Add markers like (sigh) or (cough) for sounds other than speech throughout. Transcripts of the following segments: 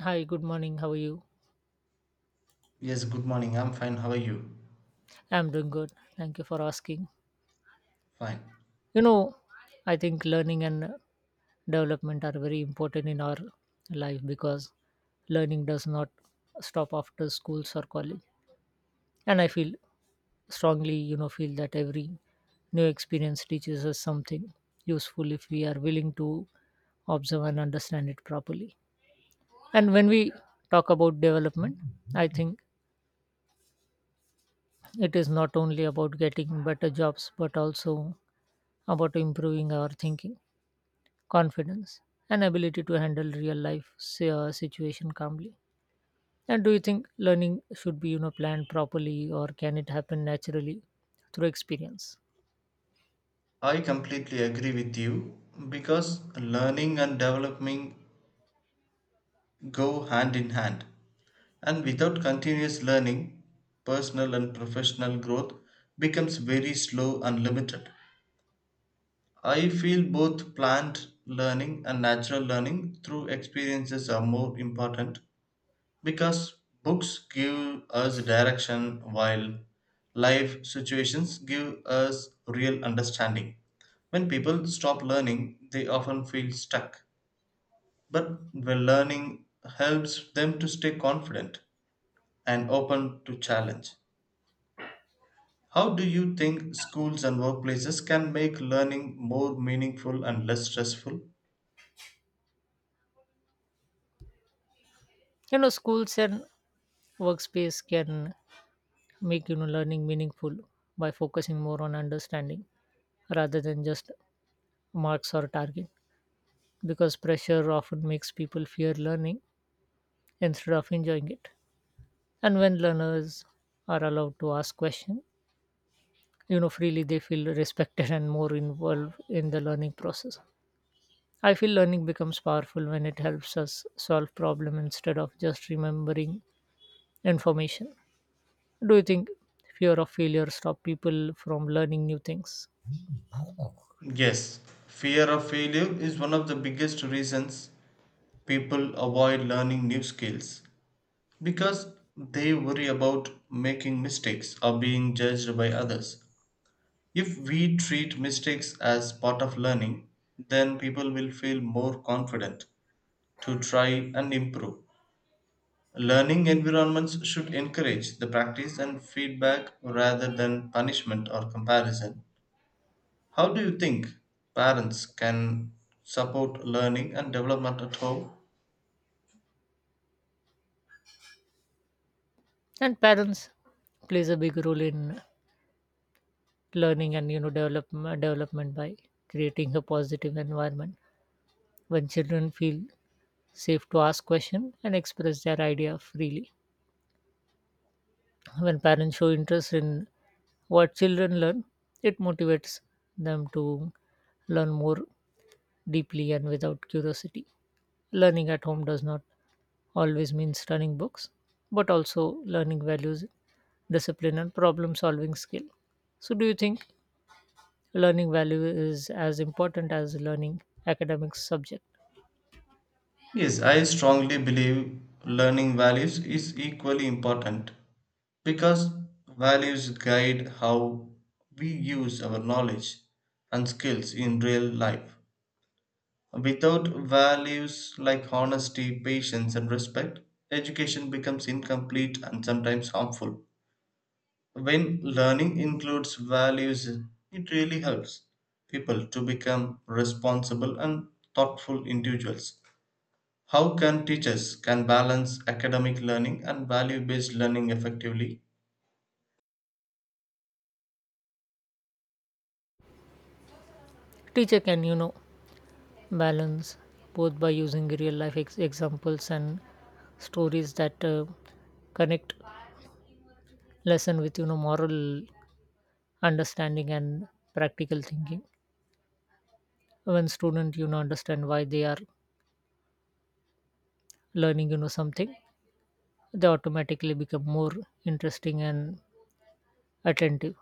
Hi, good morning. How are you? Yes, good morning. I'm fine. How are you? I'm doing good. Thank you for asking. Fine. You know, I think learning and development are very important in our life because learning does not stop after schools or college. And I feel strongly, feel that every new experience teaches us something useful if we are willing to observe and understand it properly. And when we talk about development, I think it is not only about getting better jobs but also about improving our thinking, confidence, and ability to handle real life situation calmly. And do you think learning should be planned properly, or can it happen naturally through experience? I completely agree with you because learning and development go hand in hand. And without continuous learning, personal and professional growth becomes very slow and limited. I feel both planned learning and natural learning through experiences are more important because books give us direction while life situations give us real understanding. When people stop learning, they often feel stuck. But when learning helps them to stay confident and open to challenge. How do you think schools and workplaces can make learning more meaningful and less stressful? Schools and workspace can make learning meaningful by focusing more on understanding rather than just marks or target because pressure often makes people fear learning instead of enjoying it. And when learners are allowed to ask questions freely, they feel respected and more involved in the learning process. I feel learning becomes powerful when it helps us solve problem instead of just remembering information. Do you think fear of failure stop people from learning new things? Yes, fear of failure is one of the biggest reasons people avoid learning new skills. Because they worry about making mistakes or being judged by others. If we treat mistakes as part of learning, then people will feel more confident to try and improve. Learning environments should encourage the practice and feedback rather than punishment or comparison. How do you think parents can support learning and development at home? And parents plays a big role in learning and development by creating a positive environment when children feel safe to ask questions and express their idea freely. When parents show interest in what children learn, it motivates them to learn more deeply and without curiosity. Learning at home does not always mean studying books, but also learning values, discipline, and problem solving skill. So, do you think learning value is as important as learning academic subject? Yes, I strongly believe learning values is equally important. Because values guide how we use our knowledge and skills in real life. Without values like honesty, patience, and respect, education becomes incomplete and sometimes harmful. When learning includes values, it really helps people to become responsible and thoughtful individuals. How can teachers can balance academic learning and value-based learning effectively? Teacher can, balance both by using real life examples and stories that connect lesson with moral understanding and practical thinking. When student understand why they are learning something, they automatically become more interesting and attentive.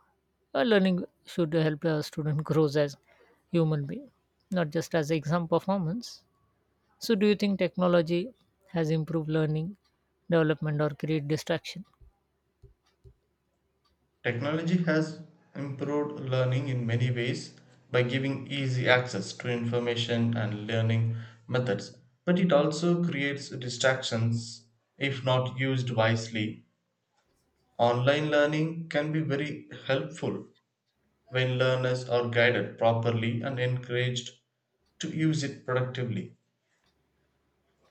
Learning should help a student (laughs) grows as human being, not just as exam performance. So do you think technology has improved learning development or create distraction? Technology has improved learning in many ways by giving easy access to information and learning methods, but it also creates distractions if not used wisely. Online learning can be very helpful when learners are guided properly and encouraged to use it productively.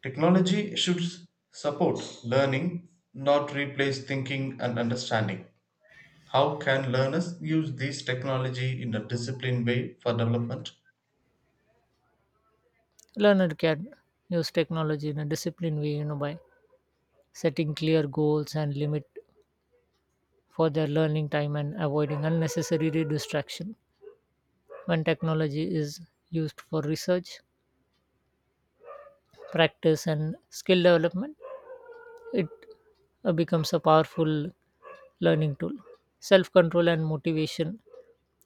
Technology should support learning, not replace thinking and understanding. How can learners use this technology in a disciplined way for development? Learner can use technology in a disciplined way by setting clear goals and limit for their learning time and avoiding unnecessary distraction. When technology is used for research, practice, and skill development, it becomes a powerful learning tool. Self control and motivation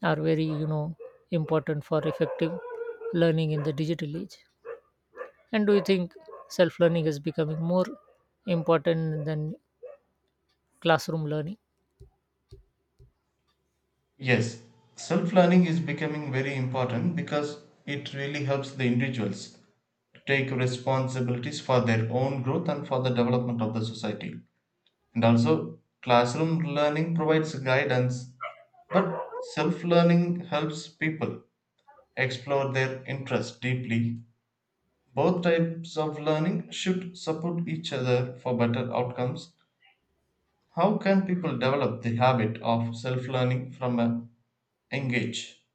are very, important for effective learning in the digital age. And do you think self learning is becoming more important than classroom learning? Yes, self learning is becoming very important because it really helps the individuals take responsibilities for their own growth and for the development of the society. And also, classroom learning provides guidance, but self learning helps people explore their interests deeply. Both types of learning should support each other for better outcomes. How can people develop the habit of self learning from a young age?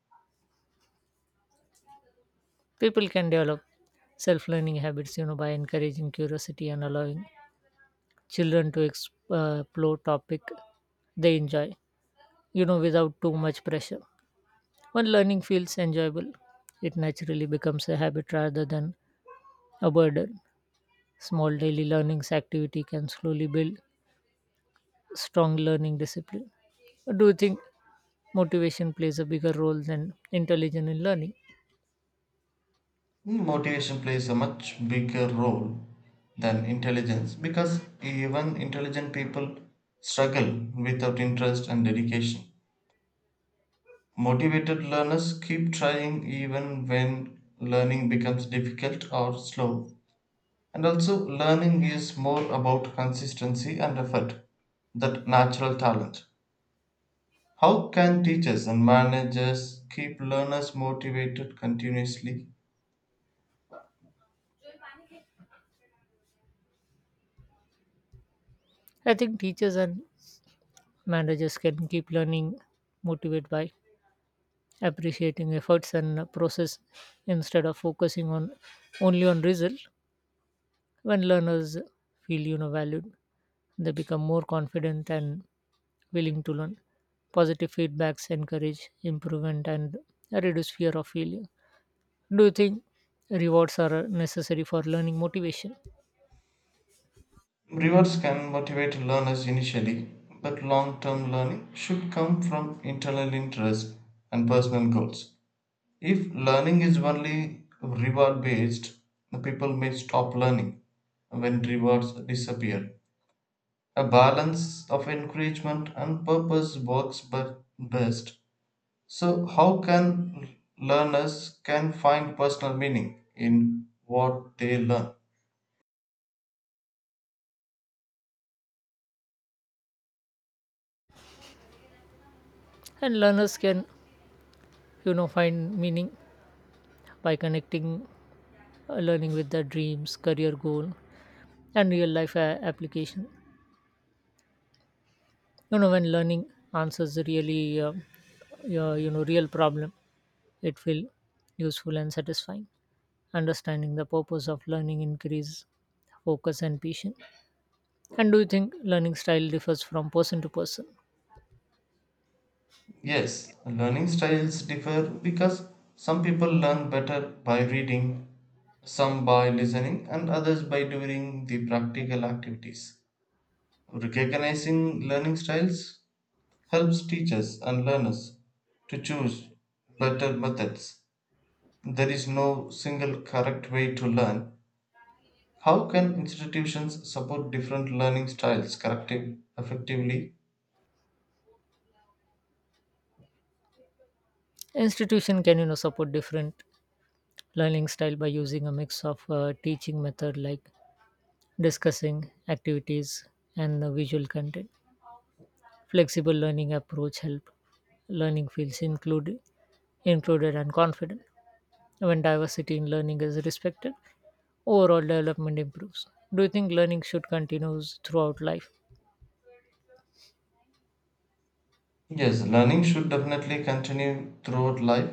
People can develop self learning habits, by encouraging curiosity and allowing children to explore topic they enjoy without too much pressure. When learning feels enjoyable, it naturally becomes a habit rather than a burden. Small daily learnings activity can slowly build strong learning discipline. Do you think motivation plays a bigger role than intelligence in learning? Motivation plays a much bigger role than intelligence because even intelligent people struggle without interest and dedication. Motivated learners keep trying even when learning becomes difficult or slow. And also, learning is more about consistency and effort than natural talent. How can teachers and managers keep learners motivated continuously? I think teachers and managers can keep learning motivated by appreciating efforts and process instead of focusing on only on result. When learners feel valued, they become more confident and willing to learn. Positive feedbacks encourage improvement and reduce fear of failure. Do you think rewards are necessary for learning motivation? Rewards can motivate learners initially, but long term learning should come from internal interest and personal goals. If learning is only reward based, the people may stop learning when rewards disappear. A balance of encouragement and purpose works but best. So how can learners can find personal meaning in what they learn? And learners can find meaning by connecting learning with their dreams, career goal, and real life application. When learning answers really real problem, it feel useful and satisfying. Understanding the purpose of learning increase focus and patience. And do you think learning style differs from person to person? Yes, learning styles differ because some people learn better by reading, some by listening, and others by doing the practical activities. Recognizing learning styles helps teachers and learners to choose better methods. There is no single correct way to learn. How can institutions support different learning styles corrective, effectively? Institution can support different learning style by using a mix of teaching method like discussing activities and the visual content. Flexible learning approach help learning feels included and confident. When diversity in learning is respected, overall development improves. Do you think learning should continue throughout life? Yes, learning should definitely continue throughout life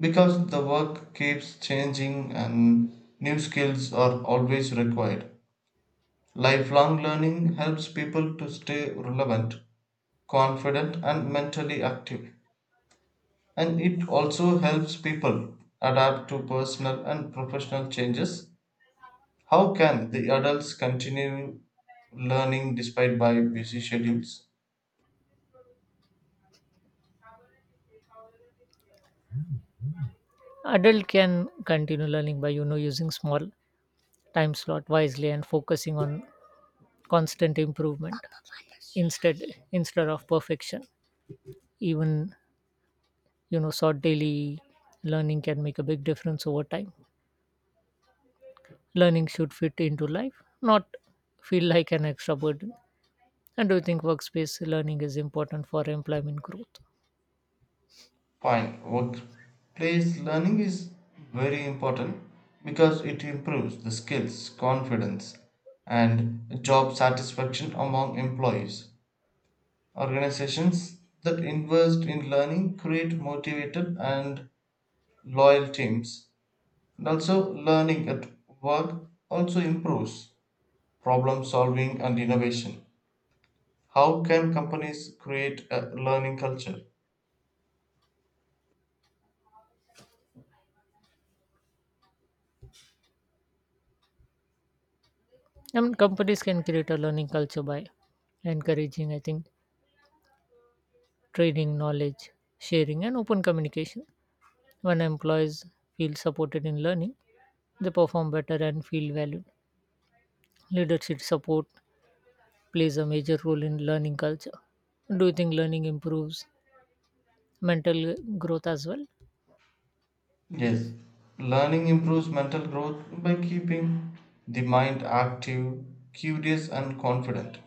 because the work keeps changing and new skills are always required. Lifelong learning helps people to stay relevant, confident, and mentally active. And it also helps people adapt to personal and professional changes. How can the adults continue learning despite by busy schedules? Adult can continue learning by using small time slot wisely and focusing on constant improvement instead instead of perfection. Even short daily learning can make a big difference over time. Learning should fit into life, not feel like an extra burden. And do you think workspace learning is important for employment growth? Fine, workplace learning is very important because it improves the skills, confidence, and job satisfaction among employees. Organizations that invest in learning create motivated and loyal teams. And also, learning at work also improves problem solving and innovation. How can companies create a learning culture? I mean, companies can create a learning culture by encouraging, I think, trading knowledge, sharing, and open communication. When employees feel supported in learning, they perform better and feel valued. Leadership support plays a major role in learning culture. Do you think learning improves mental growth as well? Yes, learning improves mental growth by keeping the mind active, curious, and confident.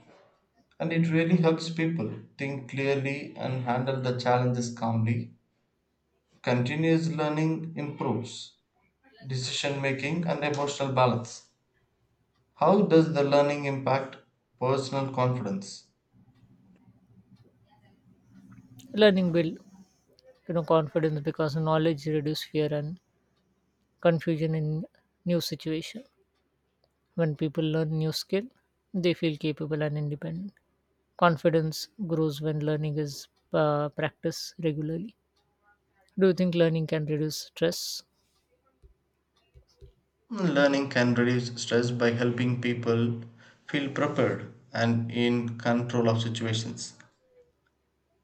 And it really helps people think clearly and handle the challenges calmly. Continuous learning improves decision making and emotional balance. How does the learning impact personal confidence? Learning builds confidence because knowledge reduces fear and confusion in new situation. When people learn new skill, they feel capable and independent. Confidence grows when learning is practiced regularly. Do you think learning can reduce stress? Learning can reduce stress by helping people feel prepared and in control of situations.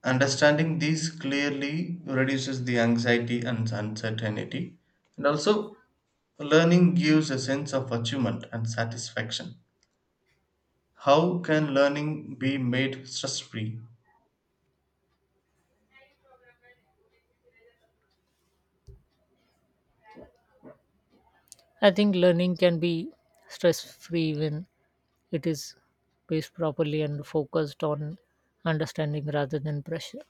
Understanding these clearly reduces the anxiety and uncertainty. And also, learning gives a sense of achievement and satisfaction. How can learning be made stress free? I think learning can be stress free when it is paced properly and focused on understanding rather than pressure.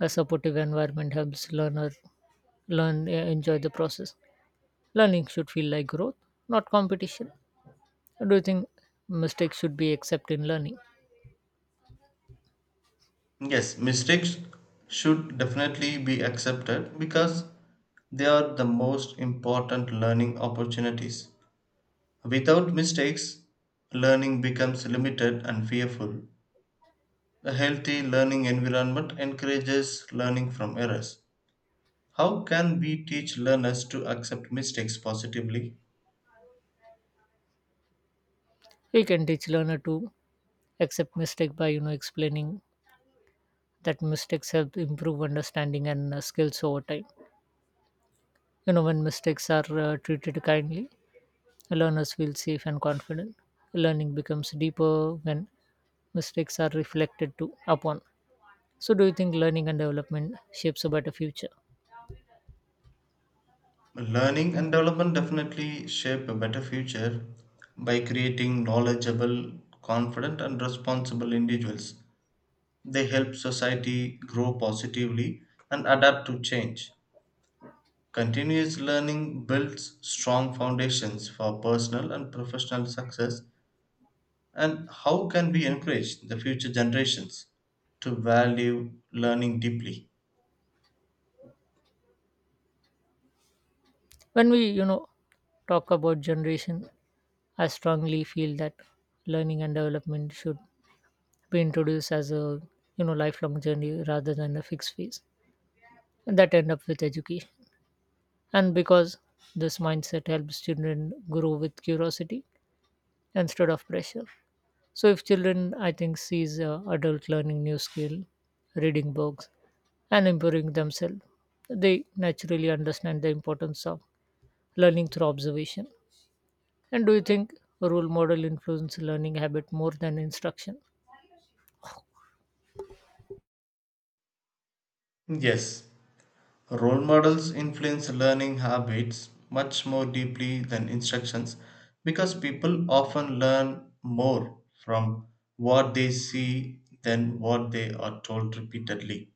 A supportive environment helps learner enjoy the process. Learning should feel like growth, not competition. Do you think mistakes should be accepted in learning? Yes, mistakes should definitely be accepted because they are the most important learning opportunities. Without mistakes, learning becomes limited and fearful. A healthy learning environment encourages learning from errors. How can we teach learners to accept mistakes positively? We can teach learner to accept mistake by explaining that mistakes help improve understanding and skills over time. When mistakes are treated kindly, learners feel safe and confident. Learning becomes deeper when mistakes are reflected to upon. So, do you think learning and development shapes a better future? Learning and development definitely shape a better future by creating knowledgeable, confident, and responsible individuals. They help society grow positively and adapt to change. Continuous learning builds strong foundations for personal and professional success. And how can we encourage the future generations to value learning deeply? When we, talk about generation, I strongly feel that learning and development should be introduced as a lifelong journey rather than a fixed phase and that end up with education. And because this mindset helps children grow with curiosity instead of pressure. So if children, I think, sees adult learning new skill, reading books, and improving themselves, they naturally understand the importance of learning through observation. And do you think role model influence learning habit more than instruction? Yes, role models influence learning habits much more deeply than instructions because people often learn more from what they see than what they are told repeatedly.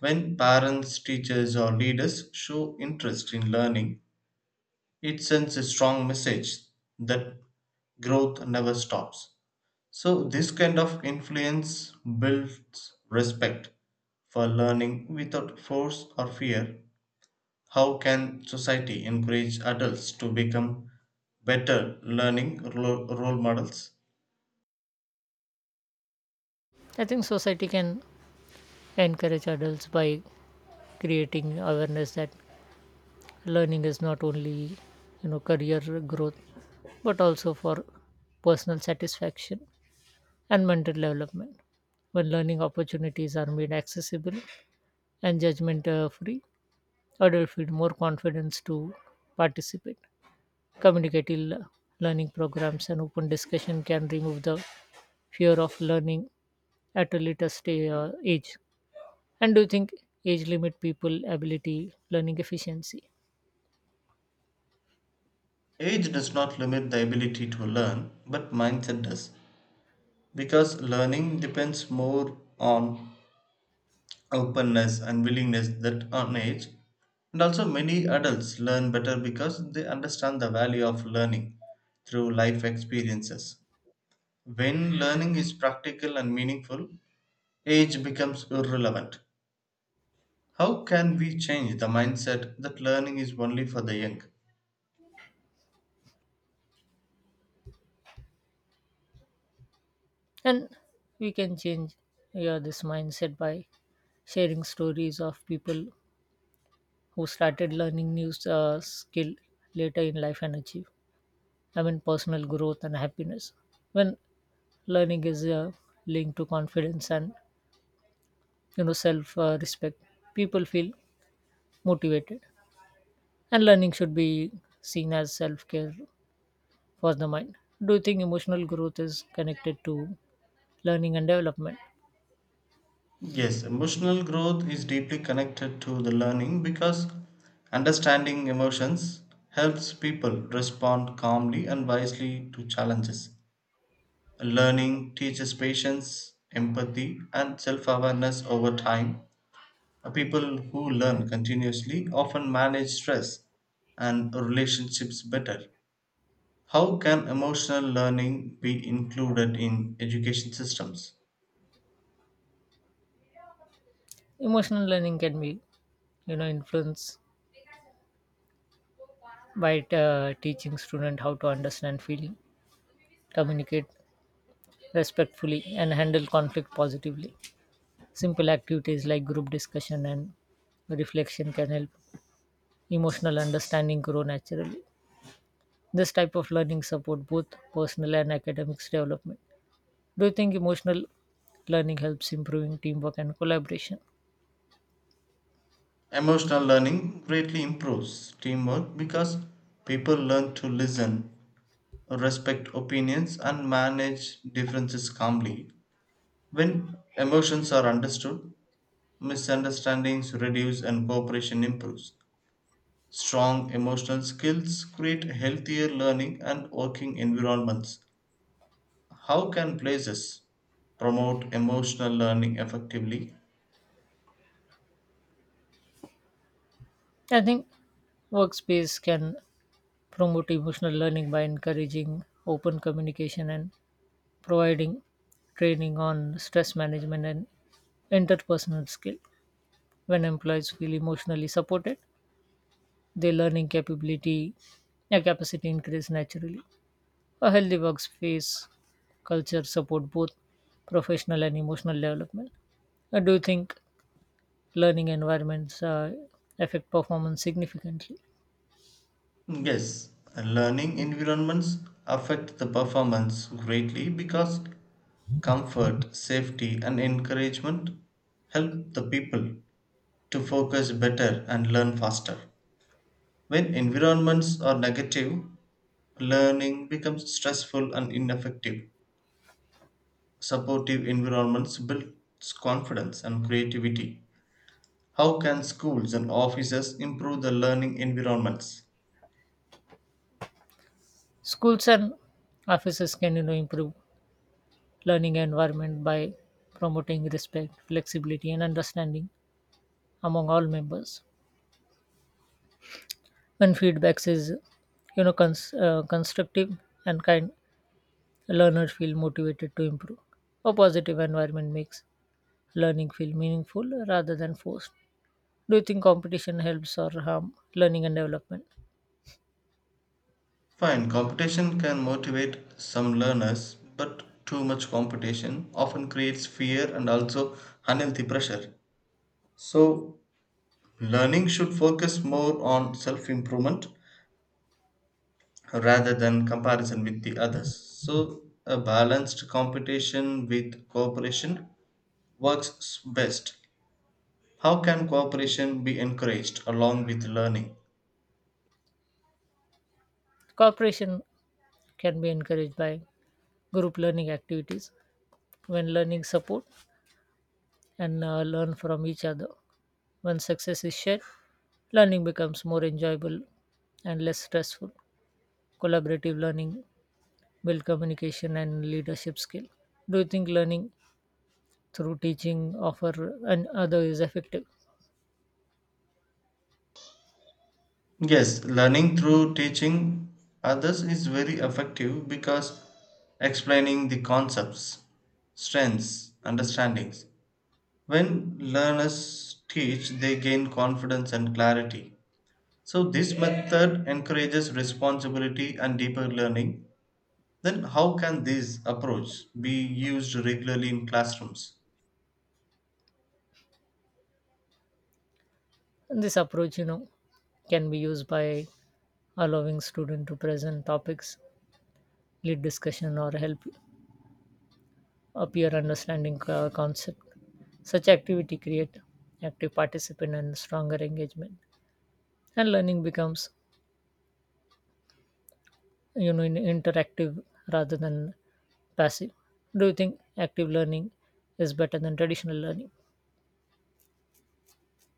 When parents, teachers, or leaders show interest in learning, it sends a strong message that growth never stops. So, this kind of influence builds respect for learning without force or fear. How can society encourage adults to become better learning role models? I think society can encourage adults by creating awareness that learning is not only career growth but also for personal satisfaction and mental development. When learning opportunities are made accessible and judgment free, adults feel more confidence to participate. Communicative learning programs and open discussion can remove the fear of learning at a later age. And do you think age limit people ability learning efficiency? Age does not limit the ability to learn, but mindset does. Because learning depends more on openness and willingness than on age. And also, many adults learn better because they understand the value of learning through life experiences. When learning is practical and meaningful, age becomes irrelevant. How can we change the mindset that learning is only for the young? And we can change yeah, this mindset by sharing stories of people who started learning new skill later in life and achieve. I mean, personal growth and happiness. When learning is linked to confidence and self respect, people feel motivated. And learning should be seen as self care for the mind. Do you think emotional growth is connected to learning and development? Yes, emotional growth is deeply connected to the learning because understanding emotions helps people respond calmly and wisely to challenges. Learning teaches patience, empathy, and self awareness over time. People who learn continuously often manage stress and relationships better. How can emotional learning be included in education systems? Emotional learning can be influenced by teaching student how to understand feeling, communicate respectfully, and handle conflict positively. Simple activities like group discussion and reflection can help emotional understanding grow naturally. This type of learning support both personal and academic development. Do you think emotional learning helps improving teamwork and collaboration? Emotional learning greatly improves teamwork because people learn to listen, respect opinions, and manage differences calmly. When emotions are understood, misunderstandings reduce and cooperation improves. Strong emotional skills create healthier learning and working environments. How can places promote emotional learning effectively? I think workspace can promote emotional learning by encouraging open communication and providing training on stress management and interpersonal skill. When employees feel emotionally supported, their learning capacity increase naturally. A healthy workspace culture support both professional and emotional development. Do you think learning environments affect performance significantly? Yes, learning environments affect the performance greatly because comfort, safety, and encouragement help the people to focus better and learn faster. When environments are negative, learning becomes stressful and ineffective. Supportive environments builds confidence and creativity. How can schools and offices improve the learning environments? Schools and offices can improve learning environment by promoting respect, flexibility, and understanding among all members. When feedbacks is constructive and kind, learners feel motivated to improve. A positive environment makes learning feel meaningful rather than forced. Do you think competition helps or harm learning and development? Fine, competition can motivate some learners, but too much competition often creates fear and also unhealthy pressure. So, learning should focus more on self improvement rather than comparison with the others. So, a balanced competition with cooperation works best. How can cooperation be encouraged along with learning? Cooperation can be encouraged by group learning activities when learning support and learn from each other. When success is shared, learning becomes more enjoyable and less stressful. Collaborative learning build communication and leadership skill. Do you think learning through teaching offer and other is effective? Yes, learning through teaching others is very effective because explaining the concepts, strengths, understandings. When learners teach, they gain confidence and clarity. So, this method encourages responsibility and deeper learning. Then, how can this approach be used regularly in classrooms? And this approach can be used by allowing student to present topics, lead discussion, or help a peer understanding concept. Such activity create active participant and stronger engagement, and learning becomes interactive rather than passive. Do you think active learning is better than traditional learning?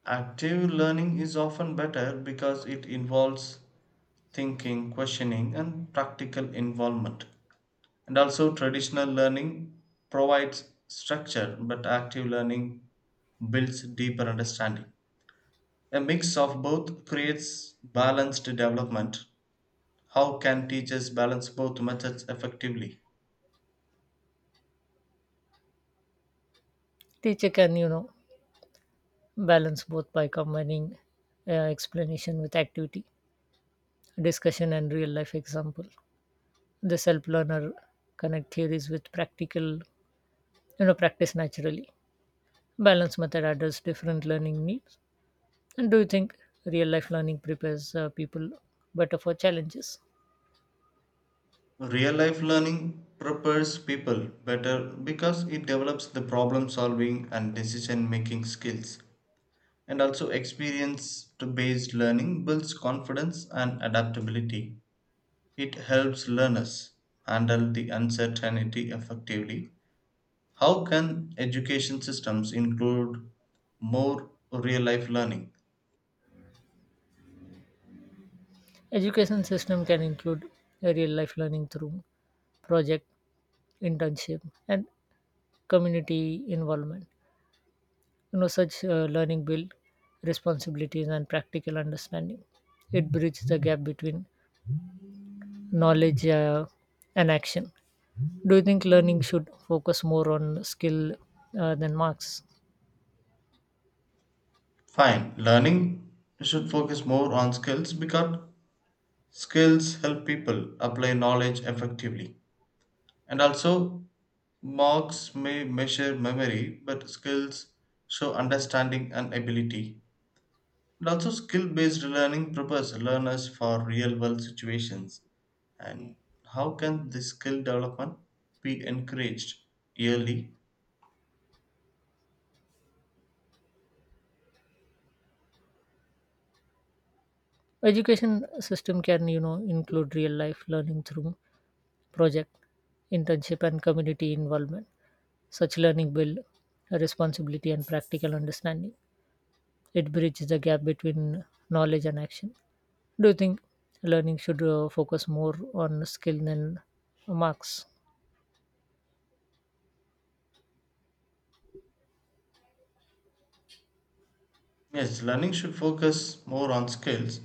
Active learning is often better because it involves thinking, questioning, and practical involvement. And also, traditional learning provides structure, but active learning builds deeper understanding. A mix of both creates balanced development. How can teachers balance both methods effectively? Teacher can balance both by combining explanation with activity, discussion, and real life example. The self learner connect theories with practical practice naturally. Balance method addresses different learning needs. And do you think real life learning prepares people better for challenges? Real life learning prepares people better because it develops the problem solving and decision making skills. And also, experience based learning builds confidence and adaptability. It helps learners handle the uncertainty effectively. How can education systems include more real life learning? Education system can include a real life learning through project, internship, and community involvement. Such learning build responsibilities and practical understanding. It bridges the gap between knowledge and action. Do you think learning should focus more on skill than marks? Fine, learning should focus more on skills because skills help people apply knowledge effectively. And also, marks may measure memory, but skills show understanding and ability. And also, skill based learning prepares learners for real world situations. And how can this skill development be encouraged early? Education system can include real life learning through project, internship, and community involvement. Such learning build a responsibility and practical understanding. It bridges the gap between knowledge and action. Do you think learning should focus more on skill than marks? Yes, learning should focus more on skills,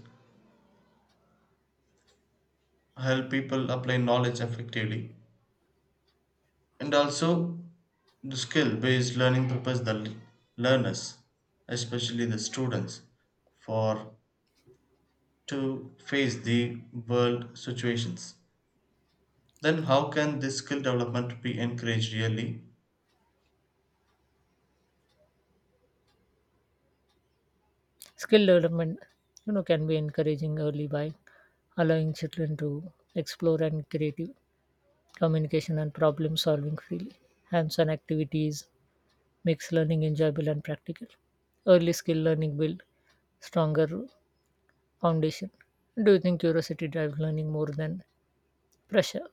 help people apply knowledge effectively, and also the skill based learning prepares the learners, especially the students, for to face the world situations. Then, how can this skill development be encouraged early? Skill development, can be encouraging early by allowing children to explore and creative communication and problem solving freely. Hands-on activities makes learning enjoyable and practical. Early skill learning build stronger foundation. Do you think curiosity drives learning more than pressure?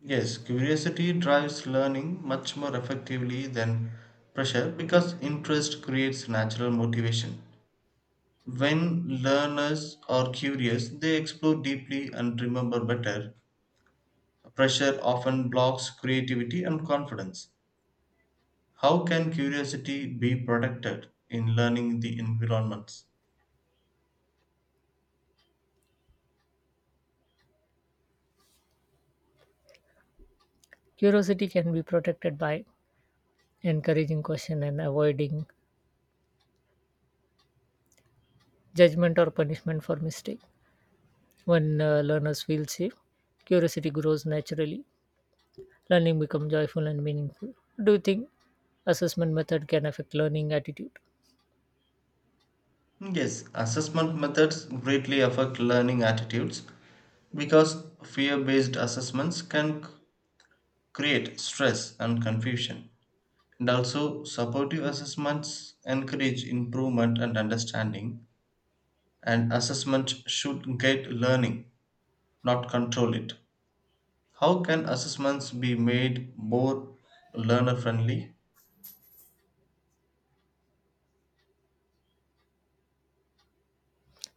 Yes, curiosity drives learning much more effectively than pressure because interest creates natural motivation. When learners are curious, they explore deeply and remember better. Pressure often blocks creativity and confidence. How can curiosity be protected in learning the environments? Curiosity can be protected by encouraging question and avoiding judgment or punishment for mistake. When learners feel safe, curiosity grows naturally. Learning become joyful and meaningful. Do you think assessment method can affect learning attitude? Yes, assessment methods greatly affect learning attitudes because fear based assessments can create stress and confusion. And also, supportive assessments encourage improvement and understanding, and assessment should guide learning, not control it. How can assessments be made more learner friendly?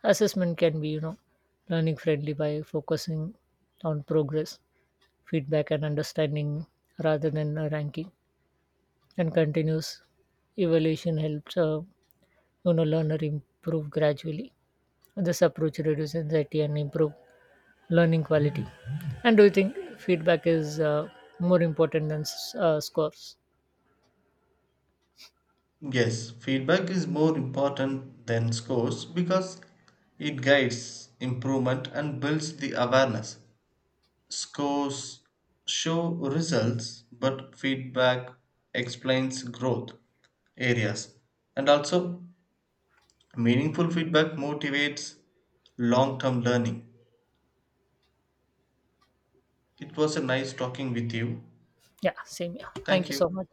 Assessment can be learning friendly by focusing on progress, feedback, and understanding rather than a ranking. And continuous evaluation helps learner improve gradually. This approach reduces anxiety and improve learning quality. And do you think feedback is more important than scores? Yes, feedback is more important than scores because it guides improvement and builds the awareness. Scores show results, but feedback explains growth areas. And also, meaningful feedback motivates long term learning. It was a nice talking with you. Yeah, same. Yeah, thank Thank you you. so much.